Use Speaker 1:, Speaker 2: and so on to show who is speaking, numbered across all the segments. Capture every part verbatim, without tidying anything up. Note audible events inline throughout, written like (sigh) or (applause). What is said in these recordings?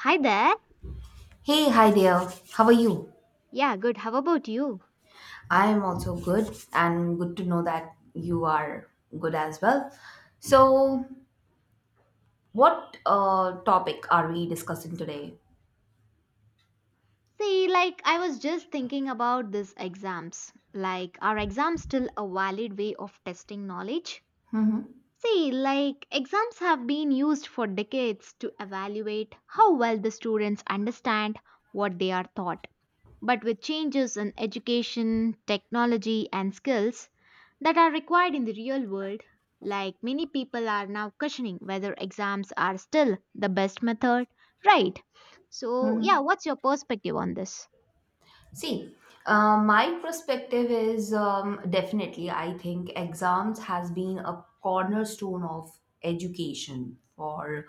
Speaker 1: Hi there.
Speaker 2: Hey, hi there. How are you?
Speaker 1: Yeah, good. How about you?
Speaker 2: I am also good, and good to know that you are good as well. So, what uh, topic are we discussing today?
Speaker 1: See, like, I was just thinking about this exams. Like, are exams still a valid way of testing knowledge?
Speaker 2: Mm-hmm.
Speaker 1: See, like, exams have been used for decades to evaluate how well the students understand what they are taught. But with changes in education, technology, and skills, that are required in the real world. Like many people are now questioning whether exams are still the best method, right? So, yeah,
Speaker 2: Mm-hmm.
Speaker 1: what's your perspective on this?
Speaker 2: See, uh, my perspective is um, definitely, I think exams has been a cornerstone of education for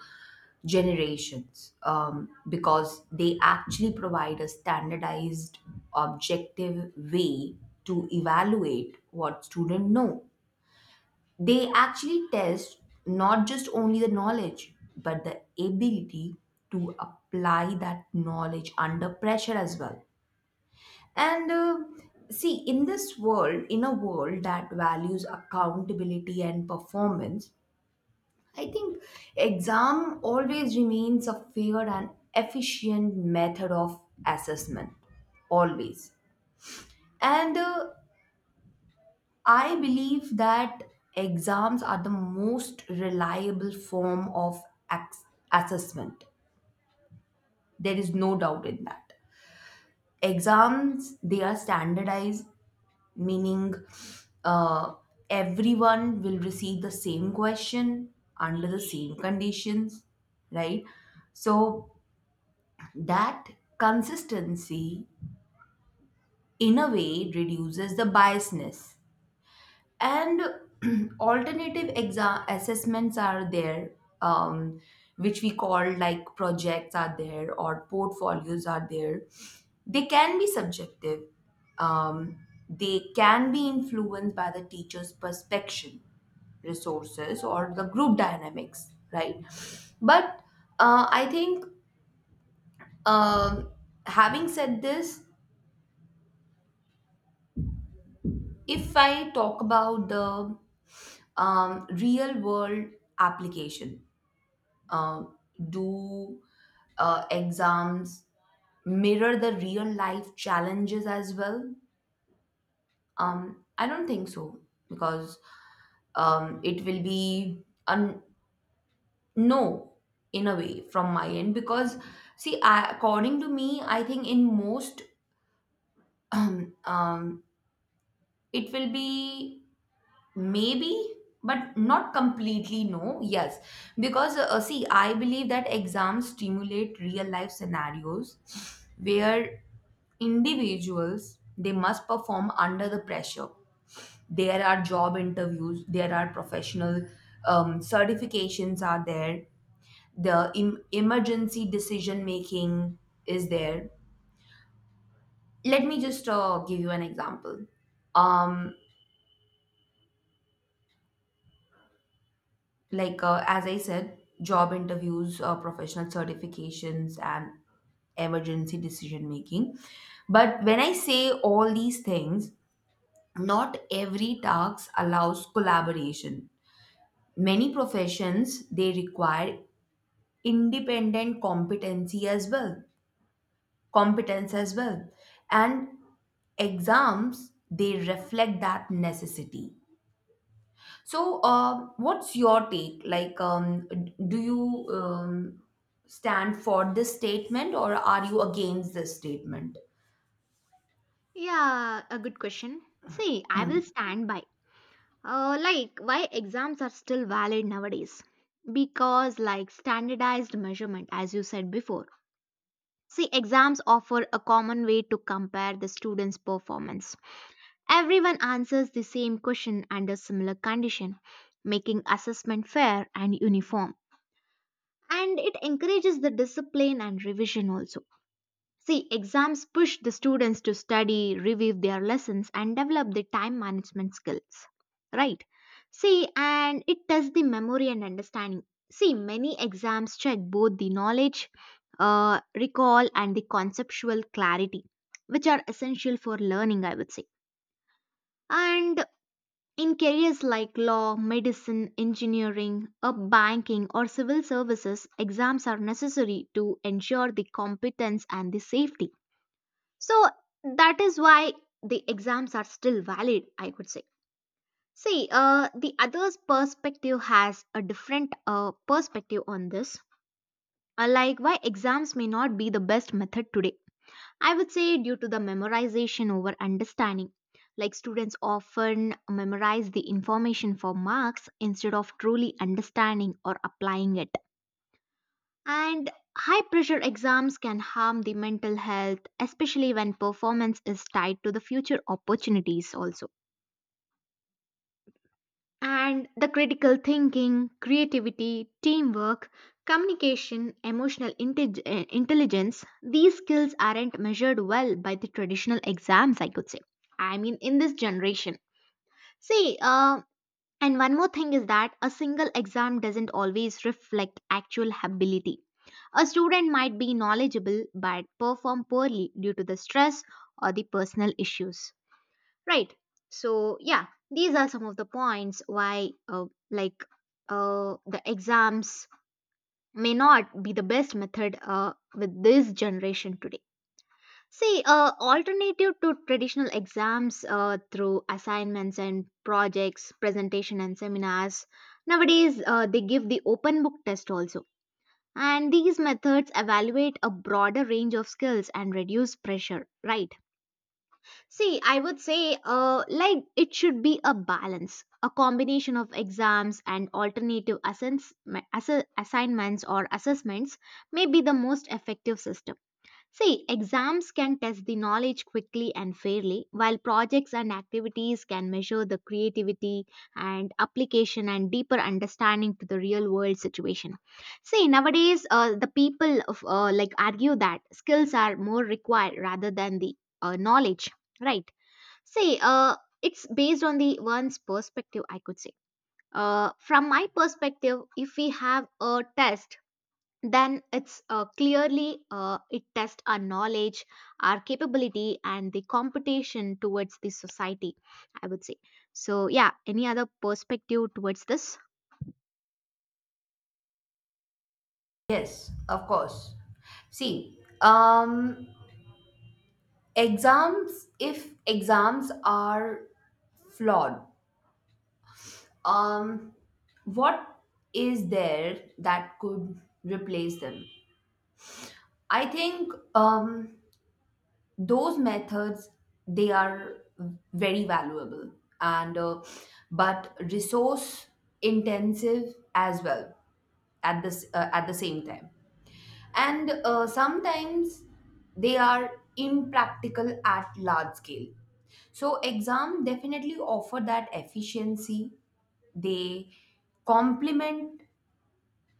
Speaker 2: generations um, because they actually provide a standardized, objective way to evaluate what students know. They actually test not just only the knowledge, but the ability to apply that knowledge under pressure as well and uh, see, in this world, in a world that values accountability and performance, I think exam always remains a fair and efficient method of assessment. Always. And uh, I believe that exams are the most reliable form of ac- assessment. There is no doubt in that. Exams, they are standardized meaning uh, everyone will receive the same question under the same conditions, right? So that consistency, in a way, reduces the biasness and (clears throat) alternative exam assessments are there, um, which we call like projects are there or portfolios are there. They can be subjective, um, they can be influenced by the teacher's perception, resources or the group dynamics, right? But uh, I think, um, having said this, if I talk about the um, real world application, um, do uh, exams mirror the real life challenges as well? Um, I don't think so, because um, it will be a no in a way from my end. Because see I, according to me, I think in most (clears throat) um, it will be maybe, but not completely no. Yes, because uh, see, I believe that exams stimulate real life scenarios where individuals they must perform under the pressure. There are job interviews, there are professional um, certifications are there, the em- emergency decision making is there. Let me just uh, give you an example. Um. Like uh, as I said, job interviews, uh, professional certifications and emergency decision making. But when I say all these things, not every task allows collaboration. Many professions they require independent competency as well competence as well, and exams they reflect that necessity. So, uh, what's your take? Like, um, d- do you um, stand for this statement or are you against this statement?
Speaker 1: Yeah, a good question. See, I will stand by. Uh, like, why exams are still valid nowadays? Because, like, standardized measurement, as you said before. See, exams offer a common way to compare the students' performance. Everyone answers the same question under similar condition, making assessment fair and uniform. And it encourages the discipline and revision also. See, exams push the students to study, review their lessons, and develop the time management skills. Right? See, and it tests the memory and understanding. See, many exams check both the knowledge, uh, recall, and the conceptual clarity, which are essential for learning, I would say. And in careers like law, medicine, engineering, or banking or civil services, exams are necessary to ensure the competence and the safety. So that is why the exams are still valid, I could say. See, uh, the other's perspective has a different uh, perspective on this, uh, like why exams may not be the best method today. I would say due to the memorization over understanding. Like students often memorize the information for marks instead of truly understanding or applying it. And high pressure exams can harm the mental health, especially when performance is tied to the future opportunities also. And the critical thinking, creativity, teamwork, communication, emotional intellig- eh, intelligence, these skills aren't measured well by the traditional exams, I could say. I mean, in this generation. See, uh, and one more thing is that a single exam doesn't always reflect actual ability. A student might be knowledgeable but perform poorly due to the stress or the personal issues. Right. So, yeah, these are some of the points why, uh, like, uh, the exams may not be the best method uh, with this generation today. See, uh, alternative to traditional exams uh, through assignments and projects, presentation and seminars, nowadays uh, they give the open book test also. And these methods evaluate a broader range of skills and reduce pressure, right? See, I would say, uh, like it should be a balance, a combination of exams and alternative assess- ass- assignments or assessments may be the most effective system. See, exams can test the knowledge quickly and fairly, while projects and activities can measure the creativity and application and deeper understanding to the real world situation. See, nowadays, uh, the people of, uh, like argue that skills are more required rather than the uh, knowledge, right? See, uh, it's based on the one's perspective, I could say. Uh, from my perspective, if we have a test then it's uh, clearly uh, it tests our knowledge, our capability and the competition towards the society, I would say. So, yeah, any other perspective towards this?
Speaker 2: Yes, of course. See, um, exams, if exams are flawed, um, what is there that could replace them? I think um, those methods they are very valuable and uh, but resource intensive as well at this uh, at the same time. And uh, sometimes they are impractical at large scale. So exam definitely offer that efficiency. They complement,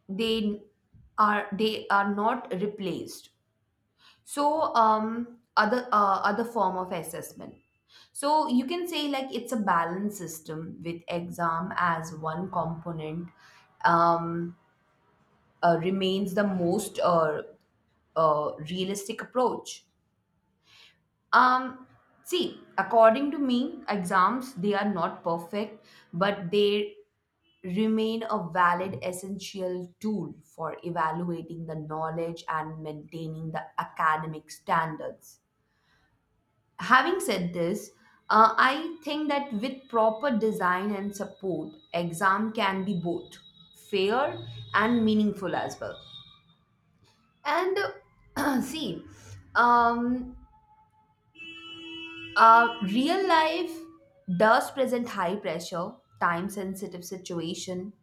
Speaker 2: they are they are not replaced. So, um, other uh, other form of assessment. So you can say like it's a balanced system with exam as one component, um, uh, remains the most uh, uh, realistic approach. Um, see, according to me, exams they are not perfect, but they remain a valid essential tool for evaluating the knowledge and maintaining the academic standards. Having said this, uh, I think that with proper design and support, exam can be both fair and meaningful as well. And uh, (clears throat) see, um, uh, real life does present high pressure, time sensitive situation,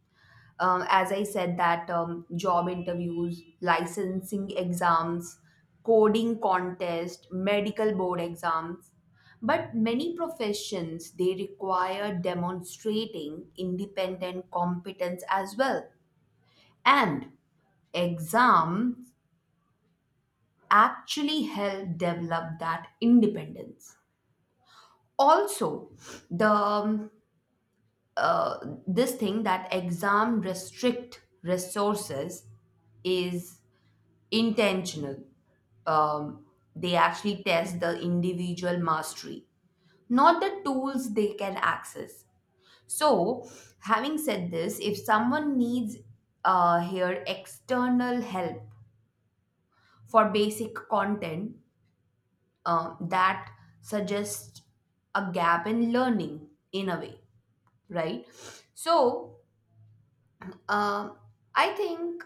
Speaker 2: um, as I said, that um, job interviews, licensing exams, coding contest, medical board exams. But many professions they require demonstrating independent competence as well, and exams actually help develop that independence also. The um, uh, this thing that exam restrict resources is intentional. Um, they actually test the individual mastery, not the tools they can access. So, having said this, if someone needs uh, here external help for basic content, um, that suggests a gap in learning in a way, right? So, um I think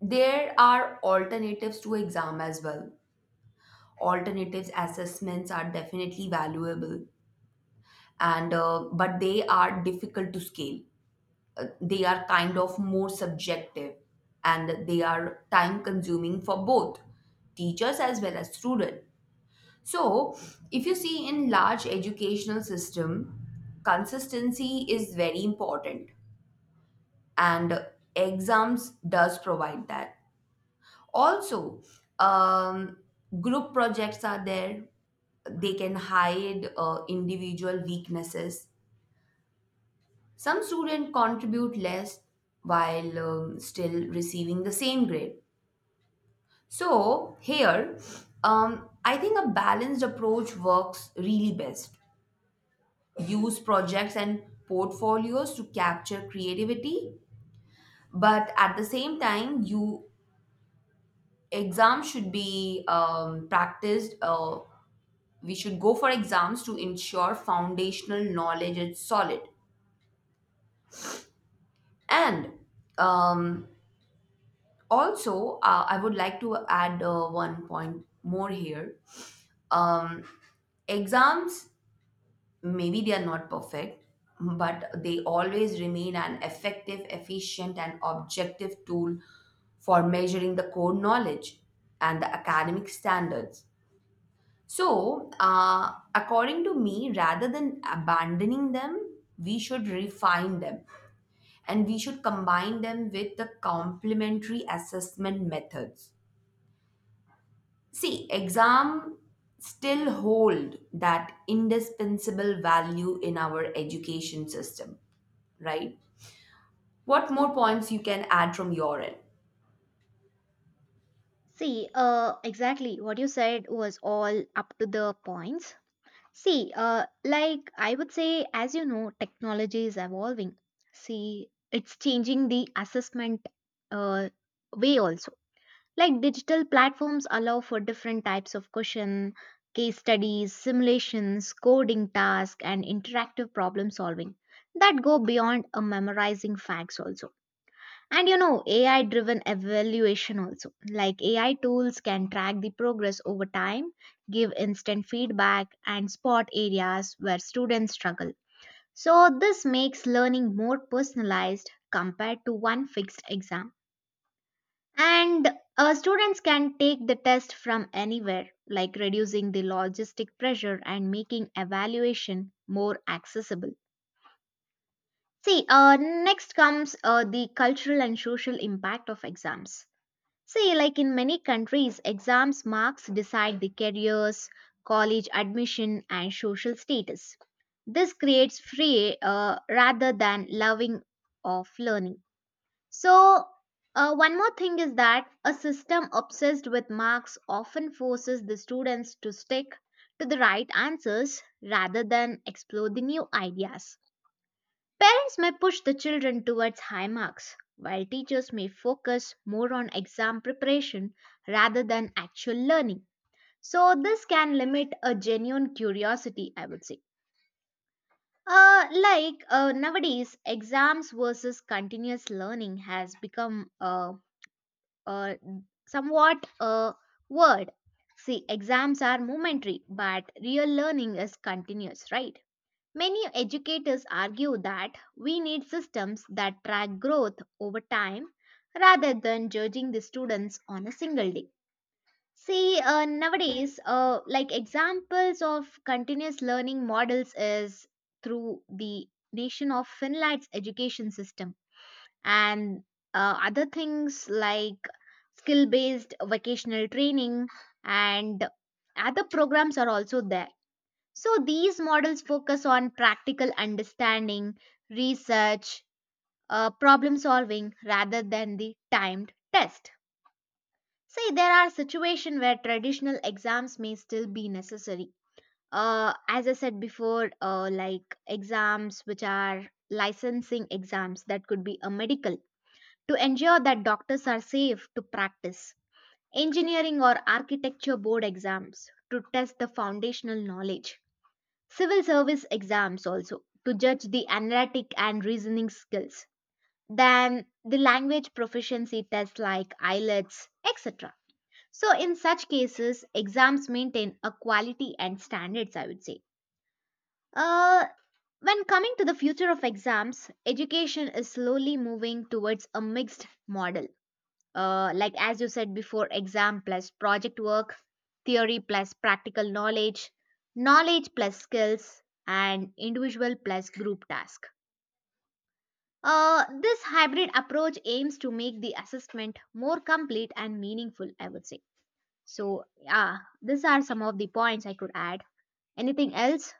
Speaker 2: there are alternatives to exam as well. Alternatives assessments are definitely valuable, and uh, but they are difficult to scale. Uh, they are kind of more subjective and they are time consuming for both teachers as well as students. So if you see in large educational system, consistency is very important, and exams does provide that also. Um, group projects are there, they can hide uh, individual weaknesses. Some students contribute less while um, still receiving the same grade. So, here, um, I think a balanced approach works really best. Use projects and portfolios to capture creativity, but at the same time, you exams should be um, practiced. Uh, we should go for exams to ensure foundational knowledge is solid. And um, also, uh, I would like to add uh, one point more here. Um, exams, maybe they are not perfect, but they always remain an effective, efficient, and objective tool for measuring the core knowledge and the academic standards. So, uh, according to me, rather than abandoning them, we should refine them and we should combine them with the complementary assessment methods. See, exam still hold that indispensable value in our education system, right? What more points you can add from your end? (clears throat)
Speaker 1: See, uh, exactly what you said was all up to the points. See, uh, like I would say, as you know, technology is evolving. See, it's changing the assessment uh, way also. Like digital platforms allow for different types of question, case studies, simulations, coding tasks, and interactive problem solving that go beyond a memorizing facts also. And you know, A I driven evaluation also. Like A I tools can track the progress over time, give instant feedback, and spot areas where students struggle. So, this makes learning more personalized compared to one fixed exam. And uh, students can take the test from anywhere, like reducing the logistic pressure and making evaluation more accessible. See, uh, next comes uh, the cultural and social impact of exams. See, like in many countries, exams marks decide the careers, college admission, and social status. This creates free uh, rather than loving of learning. So, uh, one more thing is that a system obsessed with marks often forces the students to stick to the right answers rather than explore the new ideas. Parents may push the children towards high marks, while teachers may focus more on exam preparation rather than actual learning. So, this can limit a genuine curiosity, I would say. Uh, like uh, nowadays, exams versus continuous learning has become uh, uh, somewhat a word. See, exams are momentary, but real learning is continuous, right? Many educators argue that we need systems that track growth over time rather than judging the students on a single day. See, uh, nowadays, uh, like examples of continuous learning models is through the nation of Finland's education system and uh, other things like skill based vocational training and other programs are also there. So these models focus on practical understanding, research, uh, problem solving rather than the timed test. See, there are situations where traditional exams may still be necessary. Uh, as I said before, uh, like exams which are licensing exams that could be a medical to ensure that doctors are safe to practice. Engineering or architecture board exams to test the foundational knowledge. Civil service exams also to judge the analytic and reasoning skills. Then the language proficiency tests like IELTS, et cetera. So, in such cases, exams maintain a quality and standards, I would say. Uh, when coming to the future of exams, education is slowly moving towards a mixed model, uh, like as you said before, exam plus project work, theory plus practical knowledge, knowledge plus skills, and individual plus group task. Uh, this hybrid approach aims to make the assessment more complete and meaningful, I would say. So, yeah, these are some of the points I could add. Anything else?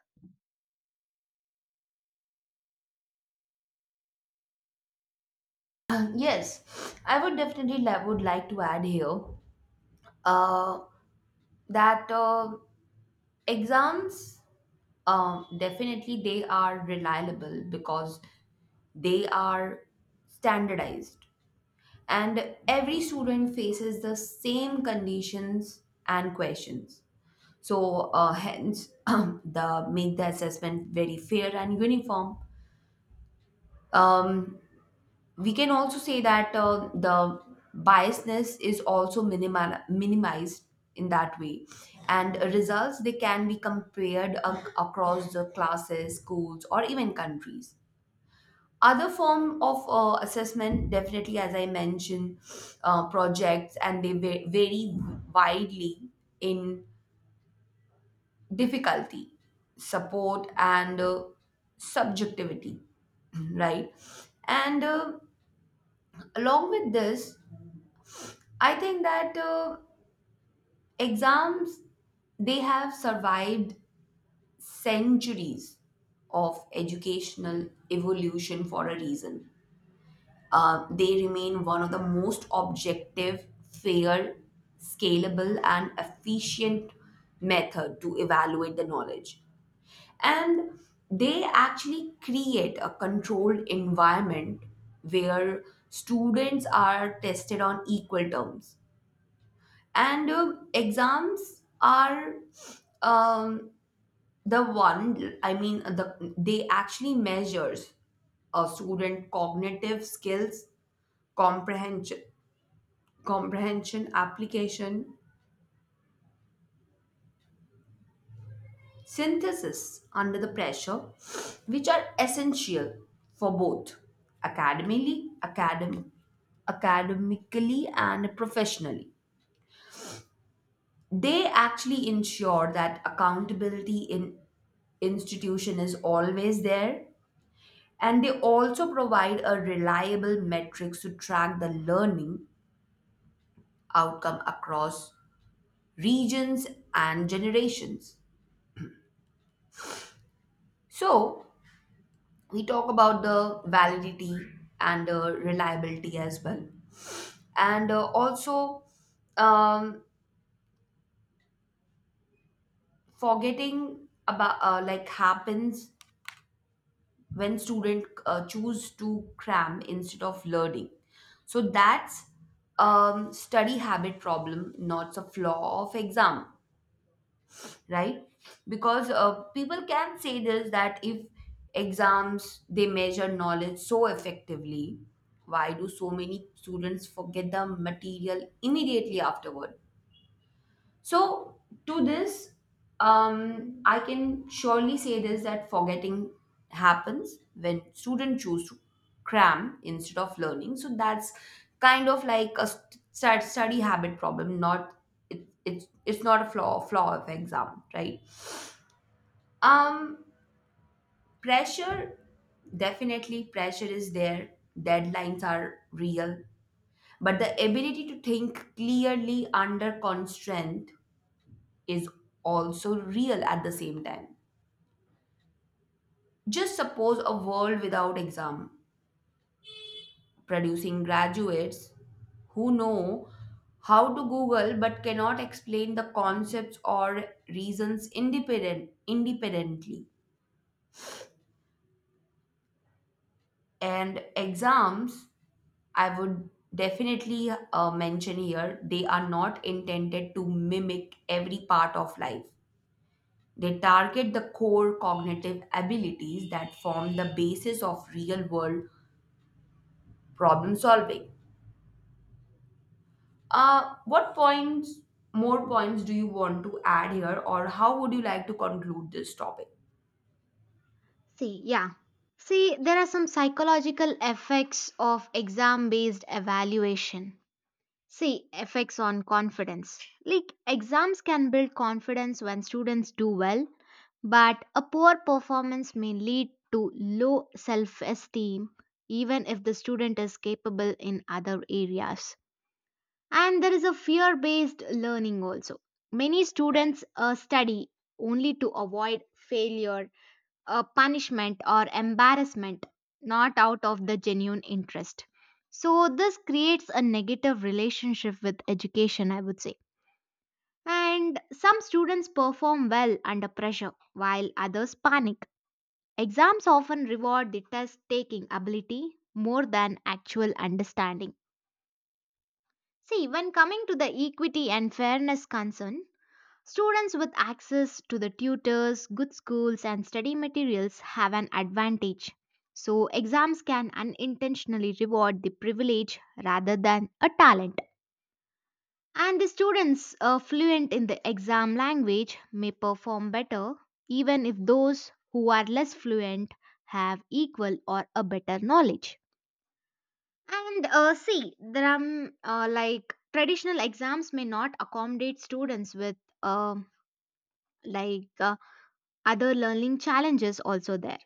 Speaker 2: Uh, yes, I would definitely li- would like to add here uh, that uh, exams um, definitely they are reliable because they are standardized and every student faces the same conditions and questions. So uh, hence (clears throat) the make the assessment very fair and uniform. Um, we can also say that uh, the biasness is also minimal, minimized in that way, and results they can be compared ac- across the classes, schools or even countries. Other form of uh, assessment, definitely as I mentioned, uh, projects, and they va- vary widely in difficulty, support and uh, subjectivity, (clears throat) right? And uh, along with this, I think that uh, exams, they have survived centuries of educational evolution for a reason. Uh, they remain one of the most objective, fair, scalable, and efficient method to evaluate the knowledge. And they actually create a controlled environment where students are tested on equal terms. And uh, exams are um, the one, I mean, the, they actually measures a student cognitive skills, comprehension comprehension, application, synthesis under the pressure, which are essential for both academically, academ- academically and professionally. They actually ensure that accountability in institution is always there, and they also provide a reliable metrics to track the learning outcome across regions and generations. So, we talk about the validity and uh, reliability as well, and uh, also, um, forgetting about uh, like happens when student uh, choose to cram instead of learning. So that's, um, study habit problem, not a flaw of exam, right? Because uh, people can say this that if exams they measure knowledge so effectively, why do so many students forget the material immediately afterward? So to this, um, I can surely say this, that forgetting happens when students choose to cram instead of learning. So that's kind of like a st- study habit problem, not it, it's it's not a flaw flaw of exam, right? Um, pressure, definitely pressure is there. Deadlines are real, but the ability to think clearly under constraint is also real at the same time. Just suppose a world without exam, producing graduates who know how to Google but cannot explain the concepts or reasons independent independently. And exams, I would definitely uh, mention here, they are not intended to mimic every part of life. They target the core cognitive abilities that form the basis of real world problem solving. Uh, what points, more points do you want to add here, or how would you like to conclude this topic?
Speaker 1: See, yeah. See, there are some psychological effects of exam based evaluation. See, effects on confidence. Like, exams can build confidence when students do well, but a poor performance may lead to low self esteem, even if the student is capable in other areas. And there is a fear based learning also. Many students uh, study only to avoid failure, a punishment or embarrassment, not out of the genuine interest. So, this creates a negative relationship with education, I would say. And some students perform well under pressure, while others panic. Exams often reward the test taking ability more than actual understanding. See, when coming to the equity and fairness concern, students with access to the tutors, good schools, and study materials have an advantage. So, exams can unintentionally reward the privilege rather than a talent. And the students uh, fluent in the exam language may perform better, even if those who are less fluent have equal or a better knowledge. And uh, see, there are mm, uh, like traditional exams may not accommodate students with um like uh, other learning challenges also there.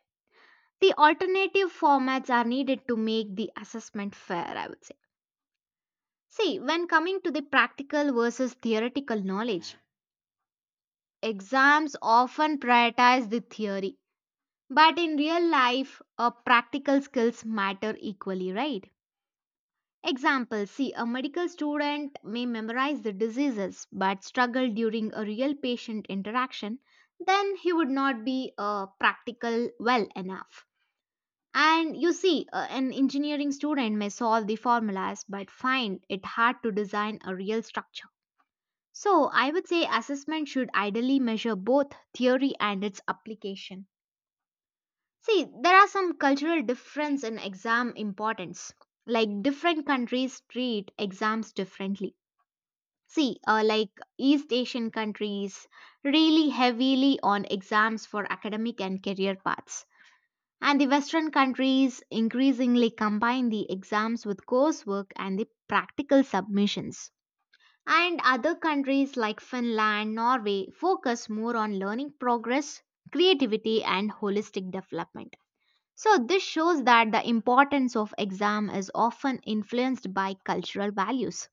Speaker 1: The alternative formats are needed to make the assessment fair, I would say. See, when coming to the practical versus theoretical knowledge, exams often prioritize the theory. But in real life, uh, practical skills matter equally, right? Example, see, a medical student may memorize the diseases but struggle during a real patient interaction, then he would not be uh, practical well enough. And you see, uh, an engineering student may solve the formulas but find it hard to design a real structure. So, I would say assessment should ideally measure both theory and its application. See, there are some cultural difference in exam importance. Like different countries treat exams differently. See, uh, like East Asian countries really heavily on exams for academic and career paths. And the Western countries increasingly combine the exams with coursework and the practical submissions. And other countries like Finland, Norway focus more on learning progress, creativity, and holistic development. So, this shows that the importance of exam is often influenced by cultural values.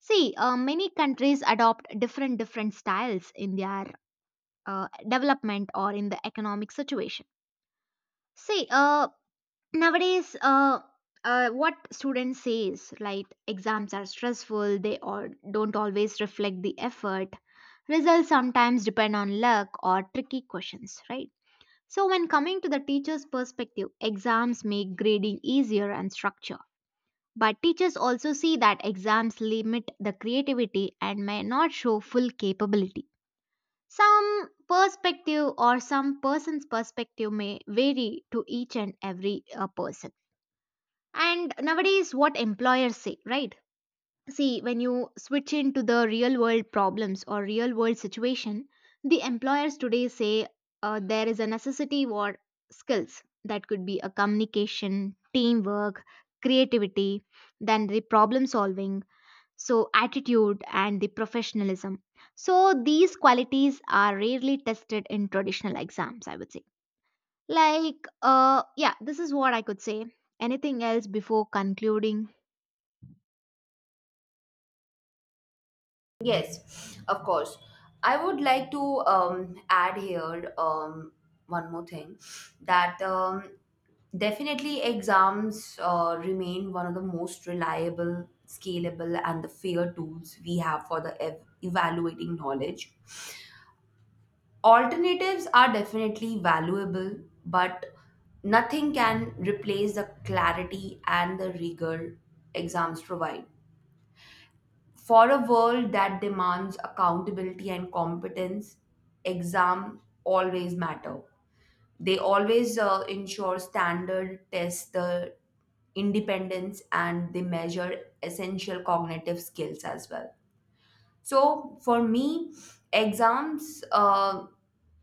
Speaker 1: See, uh, many countries adopt different different styles in their uh, development or in the economic situation. See, uh, nowadays uh, uh, what students say is like exams are stressful, they or don't always reflect the effort, results sometimes depend on luck or tricky questions, right? So when coming to the teacher's perspective, exams make grading easier and structure, but teachers also see that exams limit the creativity and may not show full capability. Some perspective or some person's perspective may vary to each and every uh, person. And nowadays, what employers say, right? See, when you switch into the real world problems or real world situation, the employers today say uh, there is a necessity for skills that could be a communication, teamwork, creativity, then the problem solving, so attitude and the professionalism. So these qualities are rarely tested in traditional exams, I would say. Like, uh, yeah, this is what I could say. Anything else before concluding?
Speaker 2: Yes, of course. I would like to um, add here um, one more thing, that um, definitely exams uh, remain one of the most reliable, scalable, and the fair tools we have for the ev- evaluating knowledge. Alternatives are definitely valuable, but nothing can replace the clarity and the rigor exams provide. For a world that demands accountability and competence, exam always matter. They always uh, ensure standard, test the independence, and they measure essential cognitive skills as well. So for me, exams uh,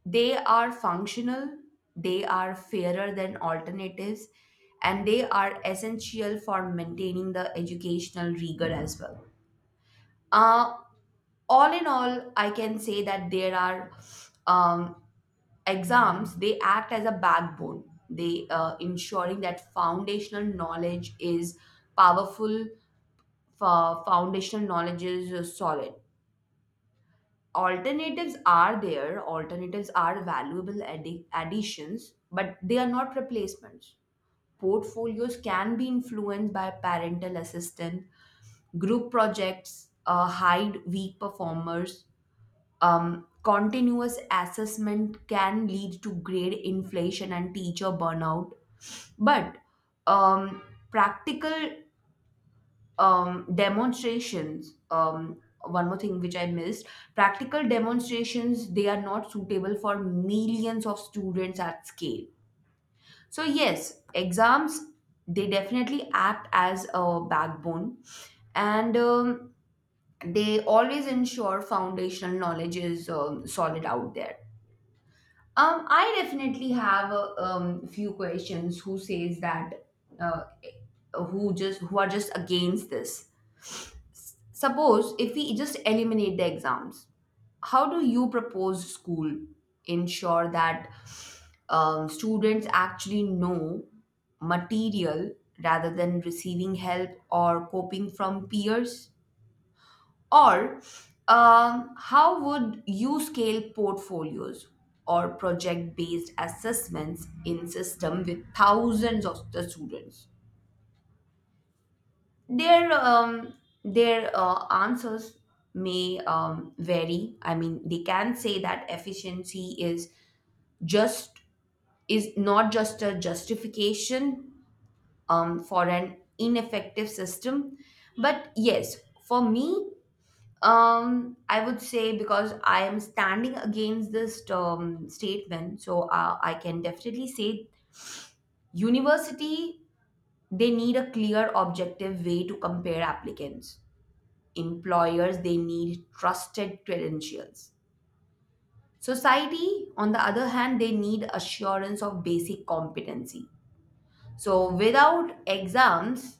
Speaker 2: they are functional, they are fairer than alternatives, and they are essential for maintaining the educational rigor as well. Uh, all in all, I can say that there are, um, exams they act as a backbone, they uh, ensuring that foundational knowledge is powerful fo- foundational knowledge is uh, solid. Alternatives are there, alternatives are valuable addi- additions, but they are not replacements. Portfolios can be influenced by parental assistant, group projects uh, hide weak performers. Um, continuous assessment can lead to grade inflation and teacher burnout, but um, practical um, demonstrations. Um, One more thing which I missed, practical demonstrations, they are not suitable for millions of students at scale. So, yes, exams they definitely act as a backbone, and um, they always ensure foundational knowledge is um, solid out there. Um, I definitely have a um, few questions who says that uh, who just who are just against this. Suppose if we just eliminate the exams, how do you propose school ensure that um, students actually know material rather than receiving help or coping from peers? Or um, how would you scale portfolios or project-based assessments in system with thousands of the students? Their um, their uh, answers may um, vary. I mean, they can say that efficiency is just is not just a justification um, for an ineffective system, but yes, for me, Um, I would say, because I am standing against this um, statement, so uh, I can definitely say, university they need a clear objective way to compare applicants. Employers they need trusted credentials. Society on the other hand they need assurance of basic competency. So without exams,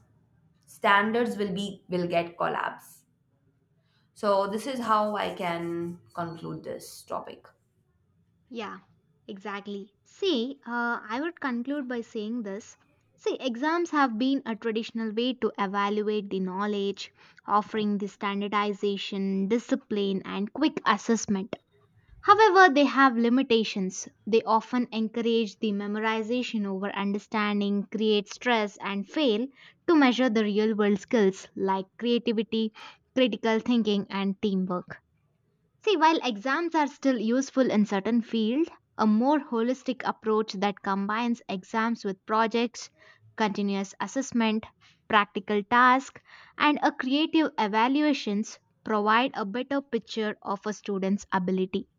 Speaker 2: standards will be will get collapse. So this is how I can conclude this topic.
Speaker 1: Yeah, exactly. See, uh, I would conclude by saying this. See, exams have been a traditional way to evaluate the knowledge, offering the standardization, discipline, and quick assessment. However, they have limitations. They often encourage the memorization over understanding, create stress, and fail to measure the real world skills like creativity, critical thinking, and teamwork. See, while exams are still useful in certain fields, a more holistic approach that combines exams with projects, continuous assessment, practical tasks, and a creative evaluations provide a better picture of a student's ability.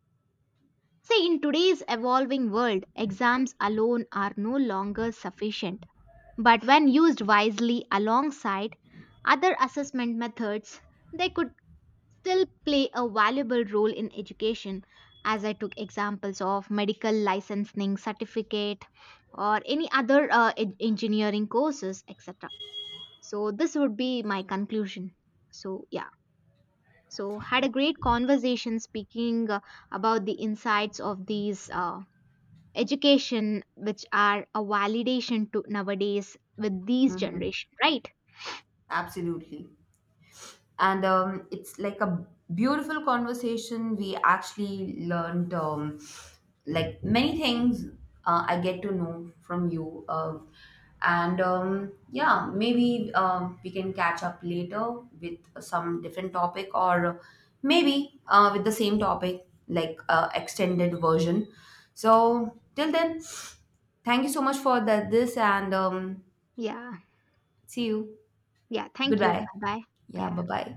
Speaker 1: See, in today's evolving world, exams alone are no longer sufficient, but when used wisely alongside other assessment methods, they could still play a valuable role in education, as I took examples of medical licensing certificate or any other uh, en- engineering courses, etc. So this would be my conclusion. So, yeah. So, had a great conversation speaking uh, about the insights of these uh, education, which are a validation to nowadays with these
Speaker 2: Mhm.
Speaker 1: generation, right?
Speaker 2: Absolutely. And um, it's like a beautiful conversation. We actually learned, um, like many things uh, I get to know from you. Uh, and um, yeah, maybe um, we can catch up later with some different topic, or maybe uh, with the same topic, like uh, extended version. So till then, thank you so much for the, this and um,
Speaker 1: Yeah,
Speaker 2: see you.
Speaker 1: yeah, thank you.
Speaker 2: Goodbye.
Speaker 1: Bye bye.
Speaker 2: Yeah, bye
Speaker 1: Yeah.
Speaker 2: bye.